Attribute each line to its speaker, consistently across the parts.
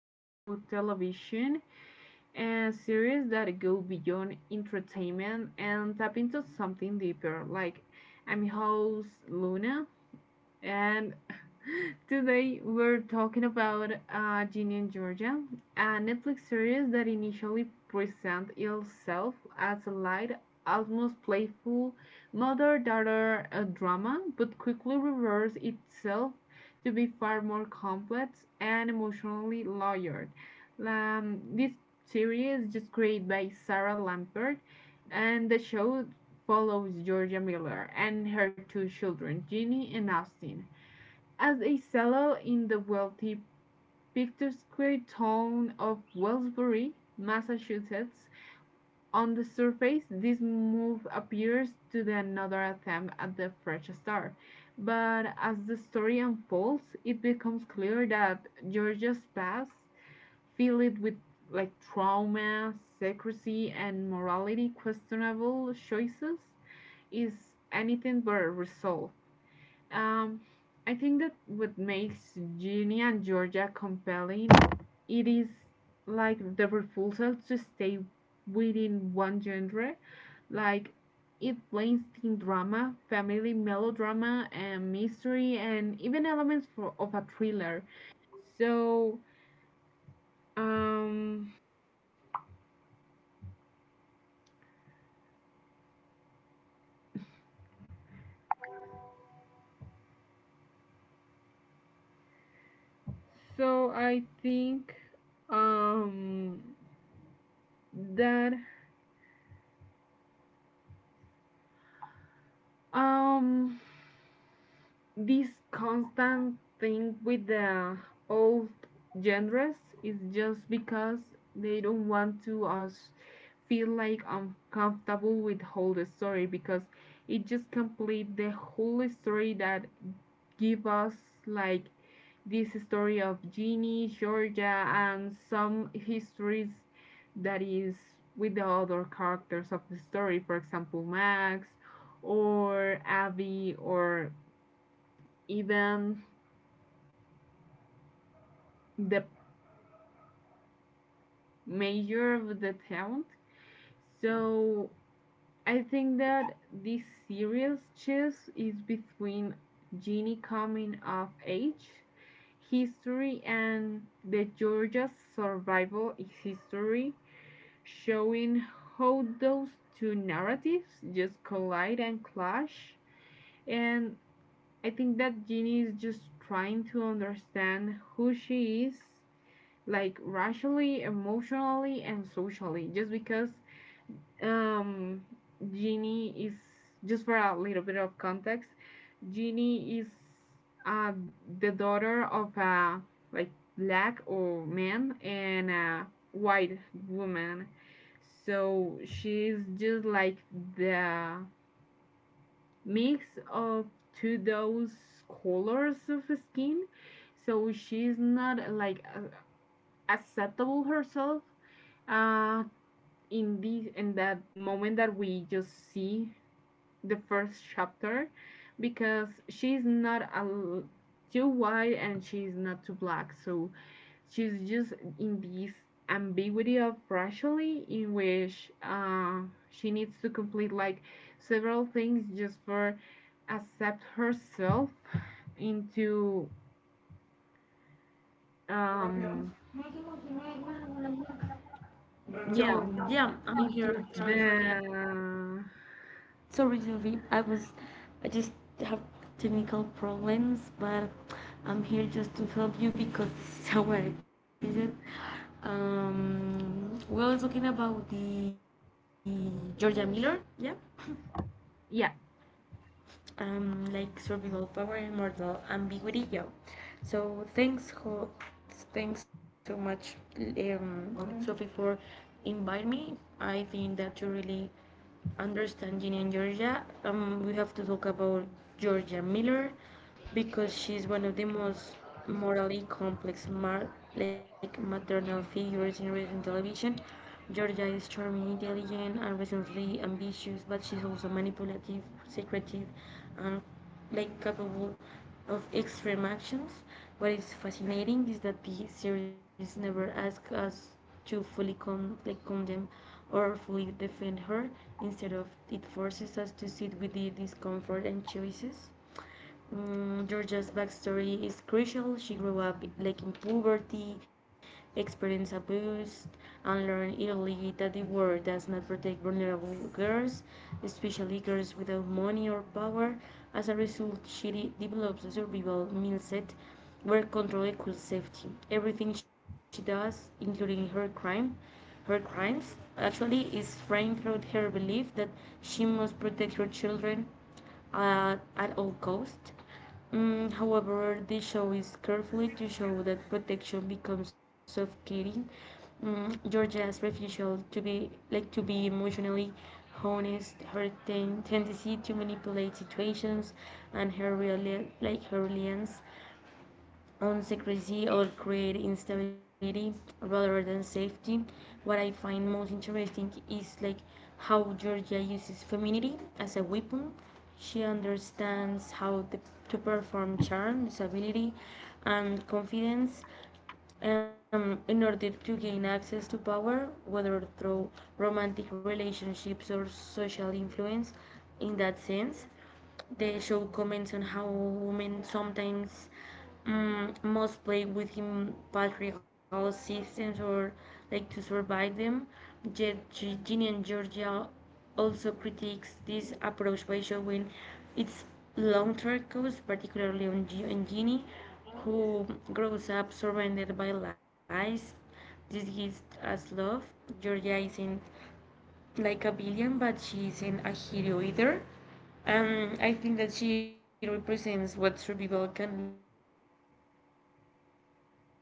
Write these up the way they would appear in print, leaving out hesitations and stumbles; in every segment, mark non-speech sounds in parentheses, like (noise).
Speaker 1: explore television and series that go beyond entertainment and tap into something deeper. Like, I'm your host Luna, and (laughs) today we're talking about Ginny and Georgia, a Netflix series that initially presents itself as a light, almost playful mother-daughter drama, but quickly reverses itself to be far more complex and emotionally layered. This series is just created by Sarah Lampert, and the show follows Georgia Miller and her two children, Ginny and Austin, as a Fellow in the wealthy picturesque town of Wellsbury, Massachusetts. On the surface this move appears to be another attempt at the fresh start, but as the story unfolds it becomes clear that Georgia's past, filled with like trauma, secrecy, and morality questionable choices, is anything but resolved. Um, I think that what makes Ginny and Georgia compelling, it is like the refusal to stay within one genre. Like it blends teen drama, family melodrama, and mystery, and even elements of a thriller. So, um, so I think, um, that, um, this constant thing with the old genres is just because they don't want to us feel like uncomfortable with whole the story because it just complete the whole story that give us like this story of Jeannie, Georgia, and some histories that is with the other characters of the story, for example, Max or Abby or even the mayor of the town. So I think that this serious chess is between Genie coming of age history and the Georgia's survival history, showing how those two narratives just collide and clash. And I think that Genie is just trying to understand who she is like rationally, emotionally, and socially. Just because Um, Genie is just for a little bit of context. Genie is uh, the daughter of a like black or man and a white woman. So she's just like the mix of two those colors of skin. So she's not like acceptable herself. Uh, in that moment that we just see the first chapter because she's not too white and she's not too black. So she's just in this ambiguity of racially in which she needs to complete like several things just for accept herself into, um yeah,
Speaker 2: So yeah, I'm
Speaker 1: into
Speaker 2: here. Sorry
Speaker 1: the,
Speaker 2: for that. Sorry, Sophie. I just have technical problems, but I'm here just to help you because (laughs) it's our episode. We were talking about the Georgia Miller, yeah.
Speaker 1: yeah,
Speaker 2: Like survival power and mortal ambiguity, yeah. So thanks, thanks so much, Sophie, for inviting me. I think that you really understanding in Georgia, we have to talk about Georgia Miller because she's one of the most morally complex maternal figures in recent television. Georgia is charming, intelligent, and recently ambitious, but she's also manipulative, secretive, and like capable of extreme actions. What is fascinating is that the series never asks us to fully condemn or fully defend her. Instead of it forces us to sit with the discomfort and choices. Mm, Georgia's backstory is crucial. She grew up like in poverty, experienced abuse, and learned early that the world does not protect vulnerable girls, especially girls without money or power. As a result, she develops a survival mindset where control equals safety. Everything she does, including her crime, her crimes actually is framed through her belief that she must protect her children at all costs. Mm, however, the show is carefully to show that protection becomes suffocating. Mm, Georgia's refusal to be emotionally honest, her tendency to manipulate situations, and her real like her reliance on secrecy or create instability rather than safety. What I find most interesting is like how Georgia uses femininity as a weapon. She understands how to perform charm, disability, and confidence in order to gain access to power, whether through romantic relationships or social influence. In that sense, the show comments on how women sometimes must play within patriarchal systems or like to survive them. Yet Ginny and Georgia also critiques this approach by showing its long-term costs, particularly on, on Ginny, who grows up surrounded by lies, disguised as love. Georgia isn't like a villain, but she isn't a hero either. And I think that she represents what survival can look like when healing new never happens.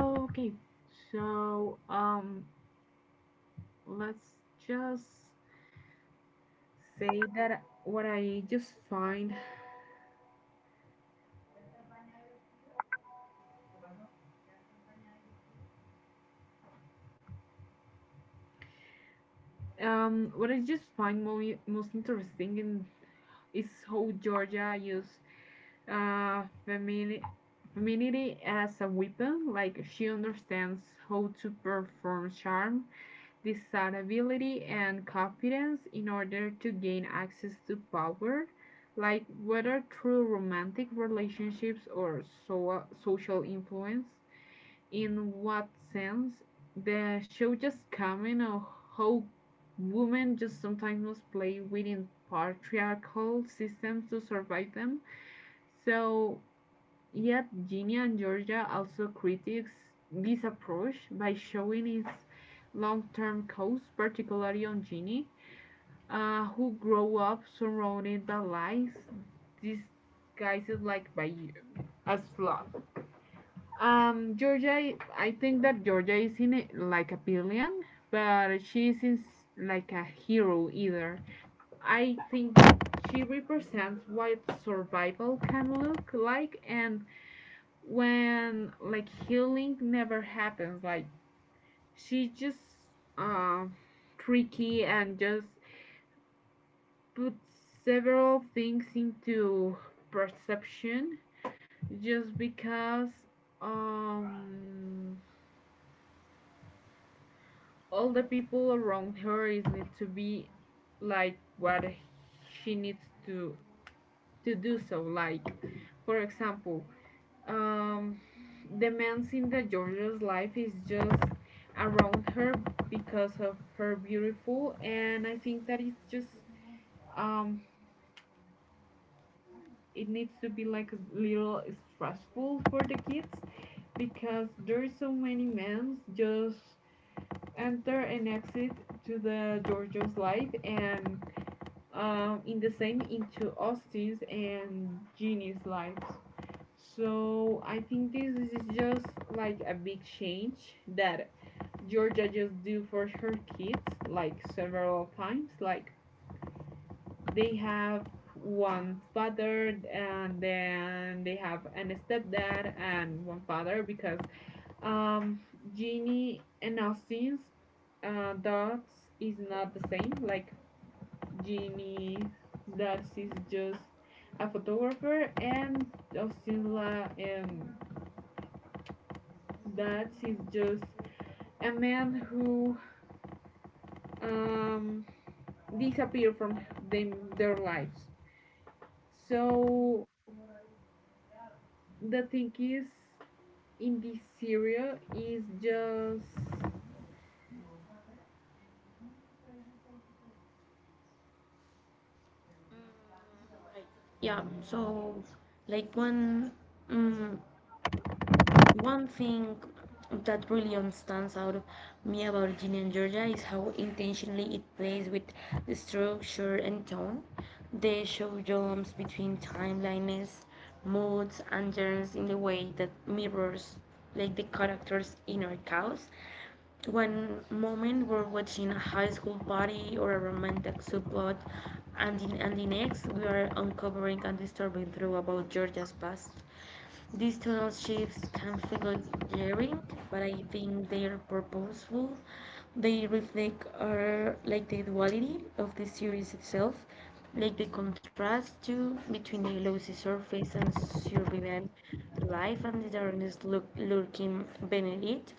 Speaker 1: okay, so let's just say that what I just find most interesting in is how Georgia used uh femini- femininity as a weapon. Like she understands how to perform charm desirability and confidence in order to gain access to power, like whether through romantic relationships or social influence in what sense the show just coming of how women just sometimes must play within patriarchal systems to survive them. So yet Ginny and Georgia also critiques this approach by showing its long-term costs, particularly on Ginny, who grow up surrounded by lies disguised like by as love. Georgia, I think that Georgia is in it like a billion, but she isn't like a hero either. I think she represents what survival can look like, and when like healing never happens, like she just uh, tricky and just puts several things into perception just because um all the people around her is need to be like what she needs to do. So like for example um the men in the georgia's life is just around her because of her beautiful and I think that it's just um it needs to be like a little stressful for the kids because there's so many men just enter and exit to the georgia's life and, in the same into Austin's and Jeannie's lives. So I think this is just like a big change that Georgia just do for her kids, like several times. Like they have one father and then they have an stepdad and one father because um Jeannie and Austin's dots is not the same. Like Ginny that is just a photographer and Osila that is just a man who um, disappeared from their lives. So the thing is in this serial, is just
Speaker 2: Yeah, so like one mm, one thing that really stands out of me about Ginny and Georgia is how intentionally it plays with the structure and tone. They show jumps between timelines, moods, and genres in the way that mirrors like the character's inner chaos. One moment we're watching a high school party or a romantic subplot, and in and the next we are uncovering and disturbing truth about Georgia's past. These tonal shifts can feel jarring, but I think they are purposeful. They reflect our, like the duality of the series itself, like the contrast to between the lousy surface and survivant life and the darkness lurking beneath it.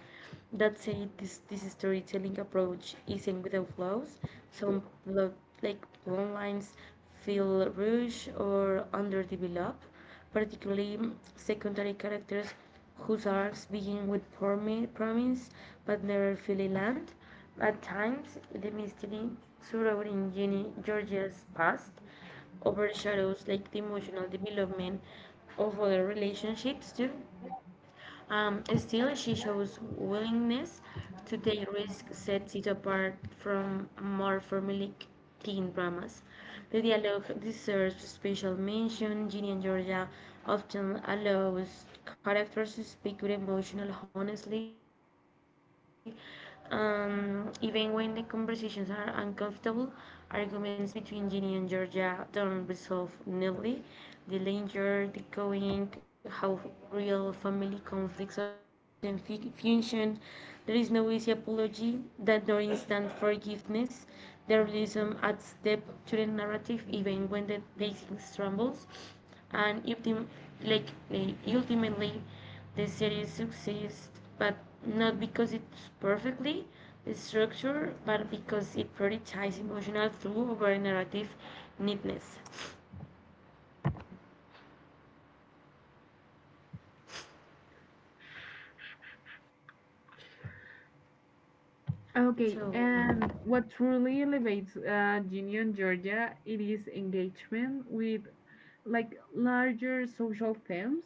Speaker 2: That said, this storytelling approach isn't without flaws. Some plot, like plot lines feel rushed or underdeveloped, particularly secondary characters whose arcs begin with promise but never fully land. At times, the mystery surrounding Jenny Georgia's past overshadows like the emotional development of other relationships too. Still, she shows willingness to take risks, sets it apart from more formulaic teen dramas. The dialogue deserves special mention. Ginny and Georgia often allows characters to speak with emotional honesty, even when the conversations are uncomfortable. Arguments between Ginny and Georgia don't resolve neatly, the danger, the going, how real family conflicts of often function. There is no easy apology that nor instant forgiveness. The realism adds depth to the narrative even when the pacing trembles. And ultimately, the series succeeds, but not because it's perfectly structured, but because it prioritizes emotional through over narrative neatness.
Speaker 1: okay,
Speaker 2: So,
Speaker 1: and what truly elevates Ginny and Georgia, it is engagement with like larger social themes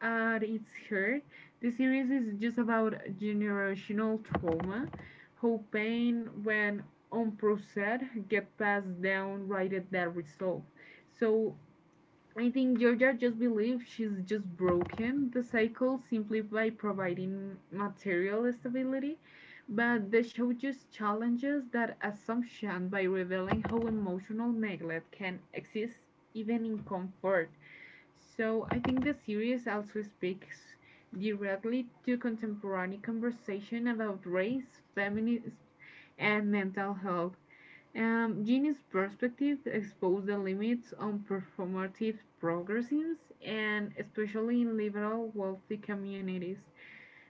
Speaker 1: at its heart. The series is just about generational trauma, how pain, when unprocessed, get passed down rather than resolved. So I think Georgia just believes she's just broken the cycle simply by providing material stability, but the show just challenges that assumption by revealing how emotional neglect can exist even in comfort. So I think the series also speaks directly to contemporary conversation about race, feminism, and mental health. Jeannie's perspective exposed the limits on performative progressives and especially in liberal wealthy communities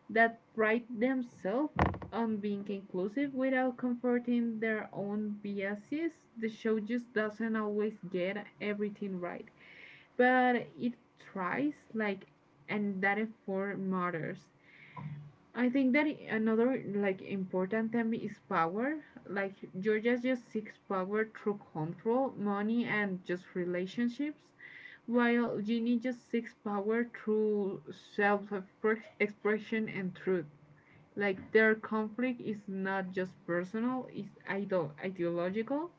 Speaker 1: that pride themselves on being inclusive without comforting their own biases. The show just doesn't always get everything right but it tries, like, and that effort matters. I think that another like important thing is power, like georgia just seeks power through control money and just relationships while Ginny just seeks power through self-expression and truth. Like their conflict is not just personal, it's ideological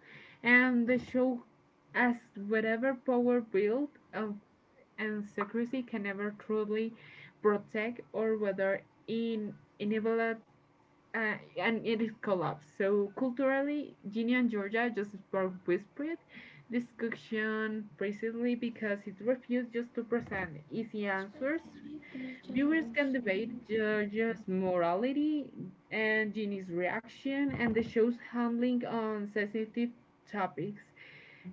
Speaker 1: and the show as whatever power built and secrecy can never truly protect or whether in enable and it is collapsed. So culturally, Ginny and Georgia just sparked whispered discussion precisely because it refused just to present easy answers. Viewers can debate Georgia's morality and Ginny's reaction and the show's handling on sensitive topics.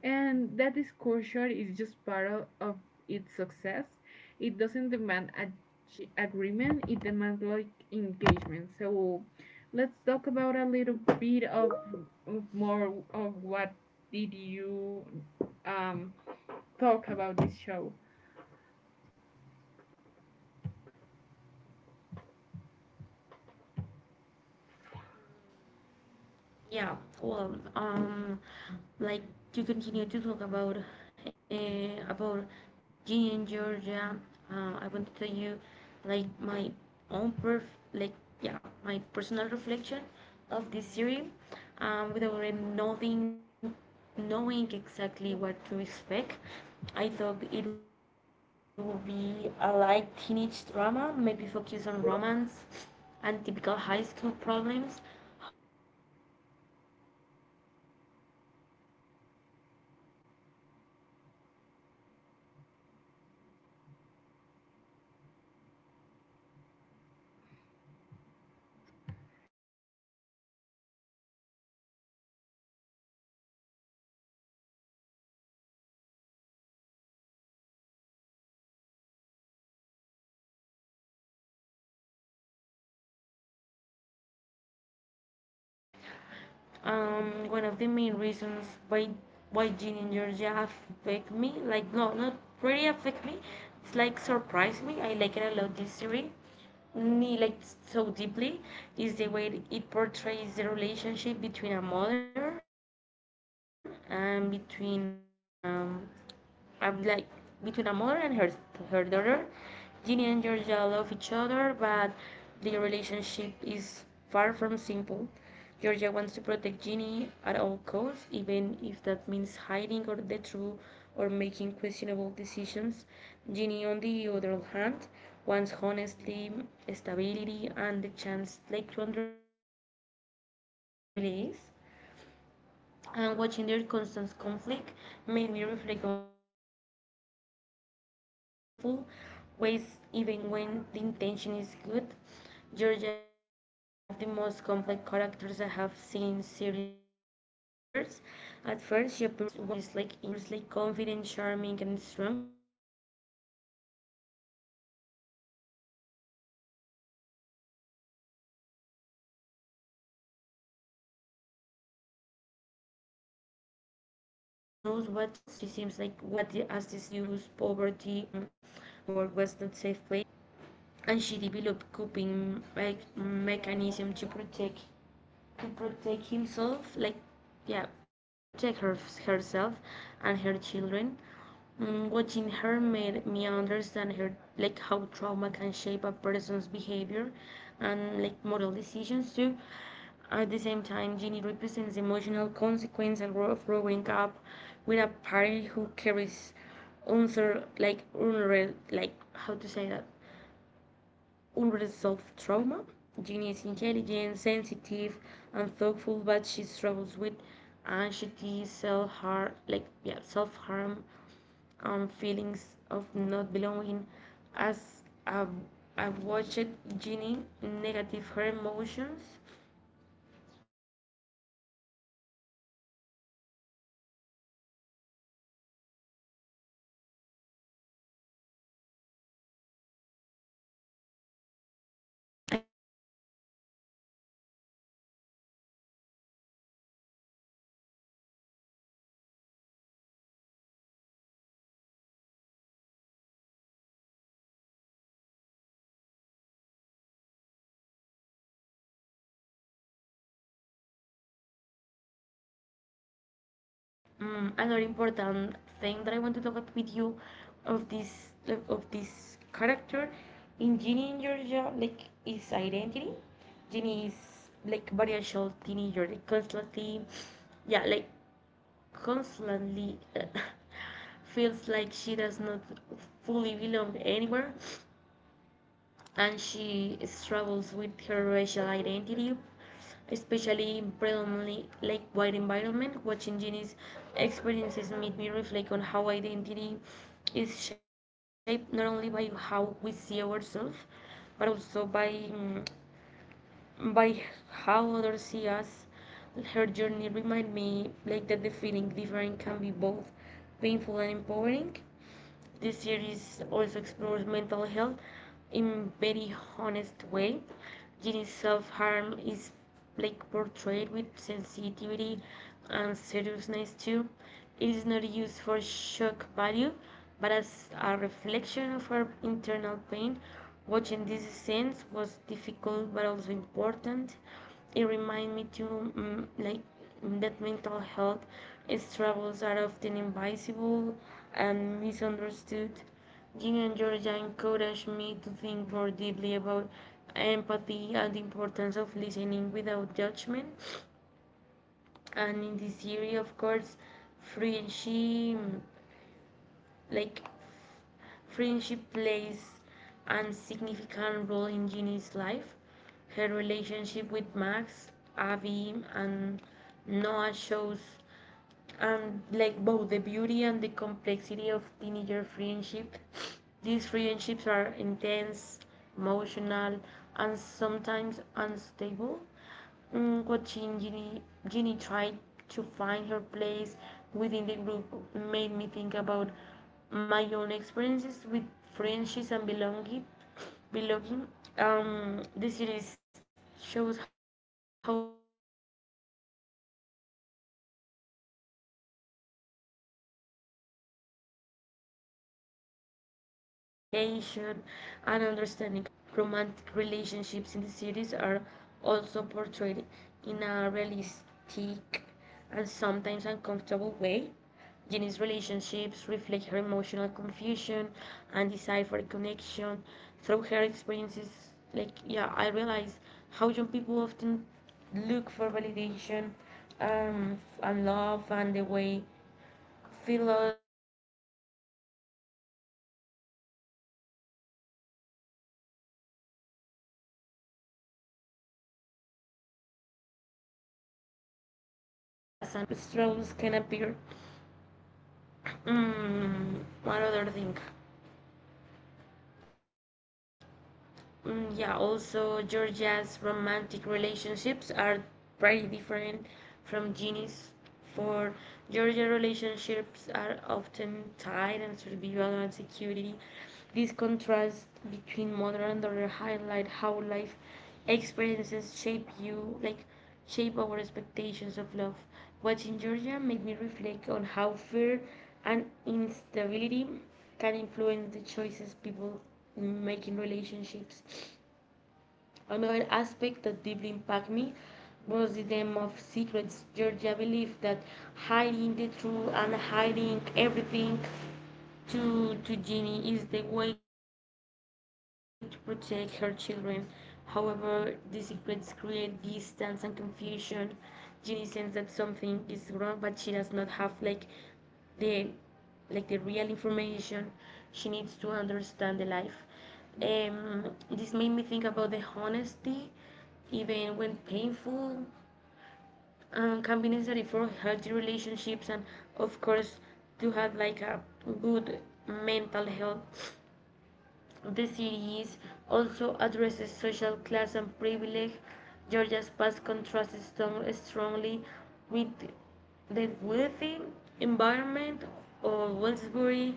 Speaker 1: And that disclosure is just part of its success. It doesn't demand a agreement, it demands like engagement. So let's talk about a little bit of more of what did you um, talk about this show.
Speaker 2: yeah, well, like to continue to talk about Ginny and Georgia. I want to tell you, like my own perf, like yeah, my personal reflection of this series, without really knowing exactly what to expect. I thought it would be a light teenage drama, maybe focus on romance and typical high school problems. However, as the episodes progress, I realized that this series, like the series, was much deeper and more complex than than I imagined. Watching Ginny and Georgia became an emotional experience for me because it touched on them such as identity, motherhood, trauma, mental health, and the complicated relationship between parents and children. Mm, on this episode, I want to share my personal reflection on this series and explain why it had such a strong impact on me. One of the main reasons why Jean and Georgia affect me, like no, not really affect me. It's like surprise me. I like it a lot. This series me like so deeply is the way it portrays the relationship between a mother and between I'm like between a mother and her daughter. Ginny and Georgia love each other, but their relationship is far from simple. Georgia wants to protect Ginny at all costs, even if that means hiding or the truth or making questionable decisions. Ginny, on the other hand, wants honesty, stability, and the chance like to understand who she really is and watching their constant conflict made me reflect on how love can sometimes be expressed in harmful ways even when the intention is good. Georgia is one of the most complex characters I have seen in series like in years. At first, she appears like confident, charming, and strong. She seems like a woman who always knows what to do. But as the story unfolds, we learn about her painful past, filled with abuse, poverty, and survival. Georgia learned very early that the world was not a safe place and she developed coping like mechanism to protect himself like yeah to protect her, herself and her children. Mm, watching her made me understand her like how trauma can shape a person's behavior and like moral decisions too at the same time. Ginny represents the emotional consequence and of growing up with a parent who carries unser like unreal like how to say that unresolved trauma. Ginny is intelligent, sensitive, and thoughtful, but she struggles with anxiety, self harm, like yeah, self harm, and feelings of not belonging. As I've watched Ginny negative her emotions uh, I felt a strong sense of empathy. Her pain, like, felt real and relatable. This series does not romanticize her strong sense of empathy. Her pain felt real and relatable. This series does not romanticize her struggles. Instead of, like, it shows how confusing and overwhelming adolescence can be, especially when combined with family secrets. Mm, another important thing that I want to talk about with you of this of this character in Ginny in Georgia like is identity. Ginny is like biracial teenager like, constantly yeah like constantly (laughs) feels like she does not fully belong anywhere and she struggles with her racial identity, especially in predominantly like white environment. Watching Jenny's experiences made me reflect on how identity is shaped not only by how we see ourselves, but also by by how others see us. Her journey reminded me like that the feeling different can be both painful and empowering. This series also explores mental health in very honest way. Jeannie's self-harm is like portrayed with sensitivity and seriousness too. It is not used for shock value, but as a reflection of her internal pain. Watching these scenes was difficult but also important it reminds me to like that mental health struggles are often invisible and misunderstood. Jim and Georgia encouraged me to think more deeply about empathy and the importance of listening without judgment. And in this series, of course, friendship like friendship plays a significant role in Ginny's life. Her relationship with Max, Abby, and Noah shows like both the beauty and the complexity of teenager friendship. These friendships are intense, emotional, and sometimes unstable. Mm, watching Ginny try to find her place within the group made me think about my own experiences with friendships and belonging. Belonging. This series shows how friendships can provide support, but also cause pain with communication and understanding are missing. Yeah. Romantic relationships in the series are also portrayed in a realistic and sometimes uncomfortable way. Jenny's relationships reflect her emotional confusion and desire for connection through her experiences. Like, yeah, I realize how young people often look for validation and love, and the way Fearless or insecure, the city does not like present romance as solution to problems, but as another space where like personal struggles can appear. Mm, one other thing. Mm, yeah, also Georgia's romantic relationships are very different from Ginny's. For Georgia, relationships are often tied on survival and security. This contrast between mother and daughter highlight how life experiences shape you, like shape our expectations of love. Watching Georgia made me reflect on how fear and instability can influence the choices people make in relationships. Another aspect that deeply impacted me was the theme of secrets. Georgia believed that hiding the truth and hiding everything to Ginny is the way to protect her children. However, these secrets create distance and confusion. Ginny senses that something is wrong, but she does not have like the the real information she needs to understand the life. Um, this made me think about the honesty, even when painful, can for healthy relationships, and of course to have like a good mental health. The series also addresses social class and privilege. Georgia's past contrasts strongly with the wealthy environment of Wellsbury.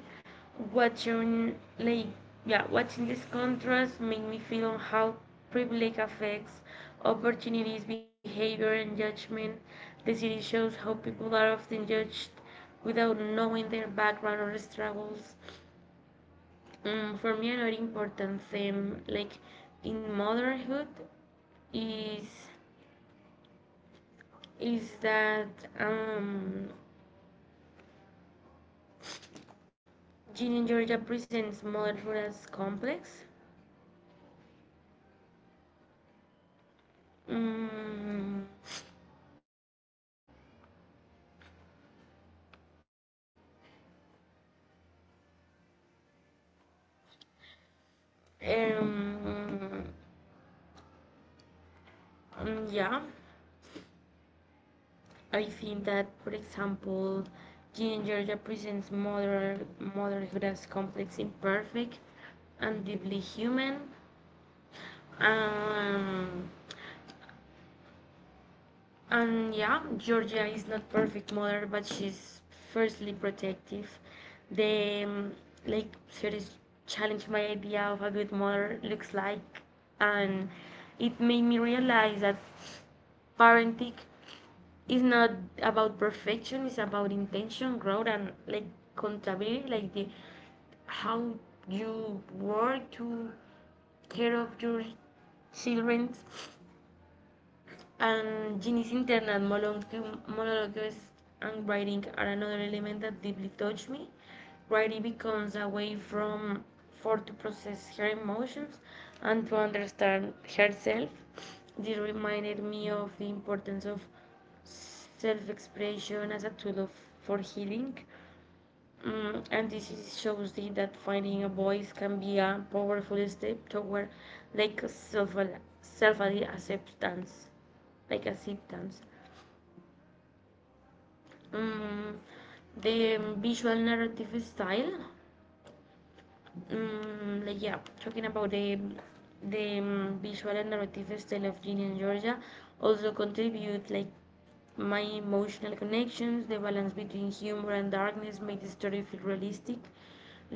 Speaker 2: Watching like yeah, watching this contrast made me feel on how privilege affects opportunities, behavior, and judgment. The series shows how people are often judged without knowing their background or struggles. For me, another important theme, like in motherhood, is that um, Gene and Georgia presents motherhood as complex. Mm, um, yeah, I think that, for example, Gene and Georgia presents motherhood as complex, imperfect, and deeply human. Um, And yeah, Georgia is not perfect mother, but she's fiercely protective. The series challenged my idea of a good mother looks like, and it made me realize that parenting is not about perfection. It's about intention, growth, and like accountability, like the how you work to care of your children. And Ginny's internal monologues and writing are another element that deeply touched me. Writing becomes a way from for to process her emotions and to understand herself. This reminded me of the importance of self-expression as a tool of, for healing. And this is, shows the, that finding a voice can be a powerful step toward like self acceptance, like acceptance. Mm, the visual narrative style. Yeah, talking about the visual and narrative style of Ginny and Georgia also contribute like my emotional connections, the balance between humor and darkness made the story feel realistic.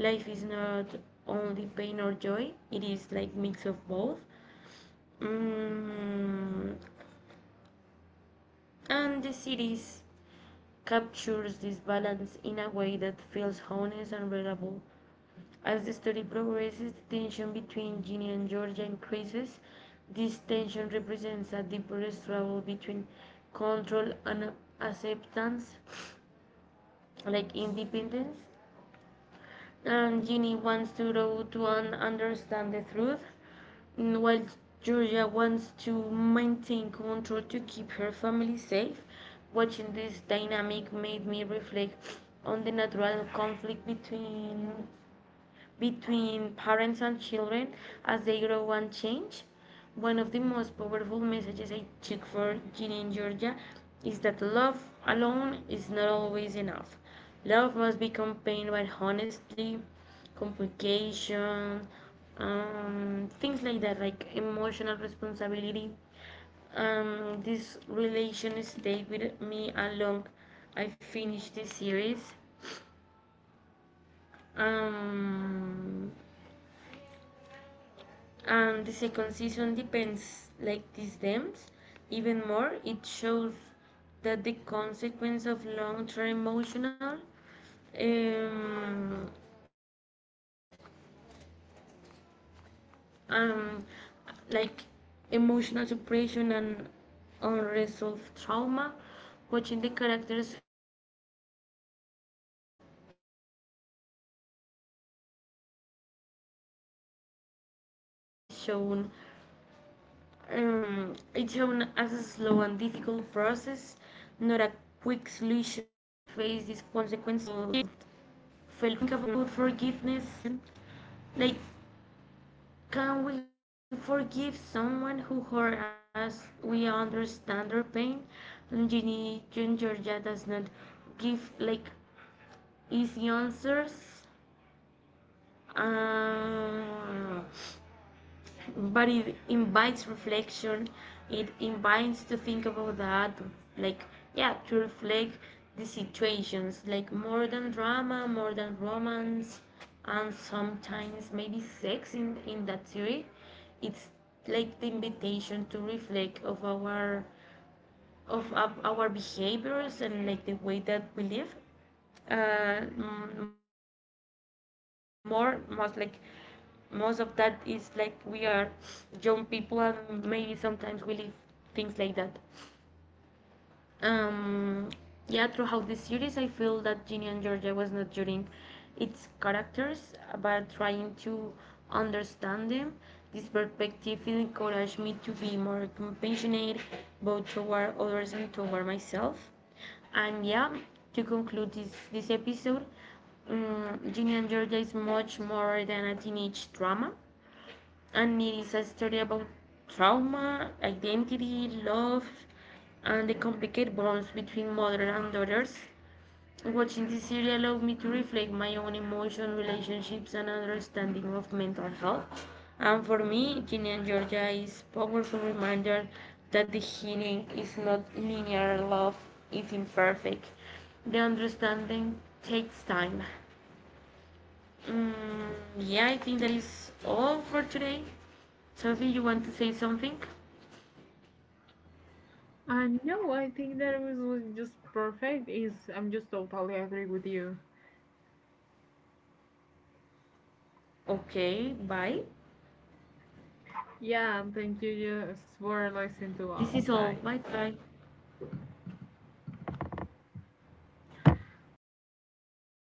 Speaker 2: Life is not only pain or joy, it is like mix of both. Mm, and the series captures this balance in a way that feels honest and readable. As the story progresses, the tension between Ginny and Georgia increases. This tension represents a deeper struggle between control and acceptance, like independence. And Ginny wants to grow to understand the truth, while Georgia wants to maintain control to keep her family safe. Watching this dynamic made me reflect on the natural conflict between parents and children as they grow and change. One of the most powerful messages I took for Ginny in Georgia is that love alone is not always enough. Love must be accompanied by honesty, complication, things like that, like emotional responsibility. This relation stayed with me along I finished the series. Um, and the second season depends like these dams even more. It shows that the consequence of long-term emotional um, um, like emotional suppression and unresolved trauma watching the characters face this consequence felt felt realistic and meaningful. Healing is shown. It's shown as a slow and difficult process, not a quick solution. So, the series also made me think about forgiveness. Like, can we forgive someone who hurt us? We understand their pain. And Ginny Georgia does not give like easy answers. Um, but it invites reflection, it invites to think about that, like yeah, to reflect the situations, like more than drama, more than romance, and sometimes maybe sex in that theory, it's like the invitation to reflect of our of our behaviors and like the way that we live, uh, more most like most of that is like we are young people, and maybe sometimes we live things like that. um, yeah, throughout this series, I feel that Ginny and Georgia was not judging its characters, but trying to understand them. This perspective encouraged me to be more compassionate, both toward others and toward myself. And yeah, to conclude this episode, Ginny and Georgia is much more than a teenage drama, and it is a story about trauma, identity, love, and the complicated bonds between mother and daughters. Watching this series allowed me to reflect my own emotions, relationships, and understanding of mental health. And for me, Ginny and Georgia is a powerful reminder that the healing is not linear, love is imperfect. The understanding takes time. Mm, yeah, I think that is all for today. Sophie, you want to say something?
Speaker 1: No, I think that was just perfect. Is I'm just totally agree with you.
Speaker 2: Okay, bye.
Speaker 1: Yeah, and thank you just for listening to
Speaker 2: This
Speaker 1: us.
Speaker 2: is all.
Speaker 1: Bye.
Speaker 2: Bye bye.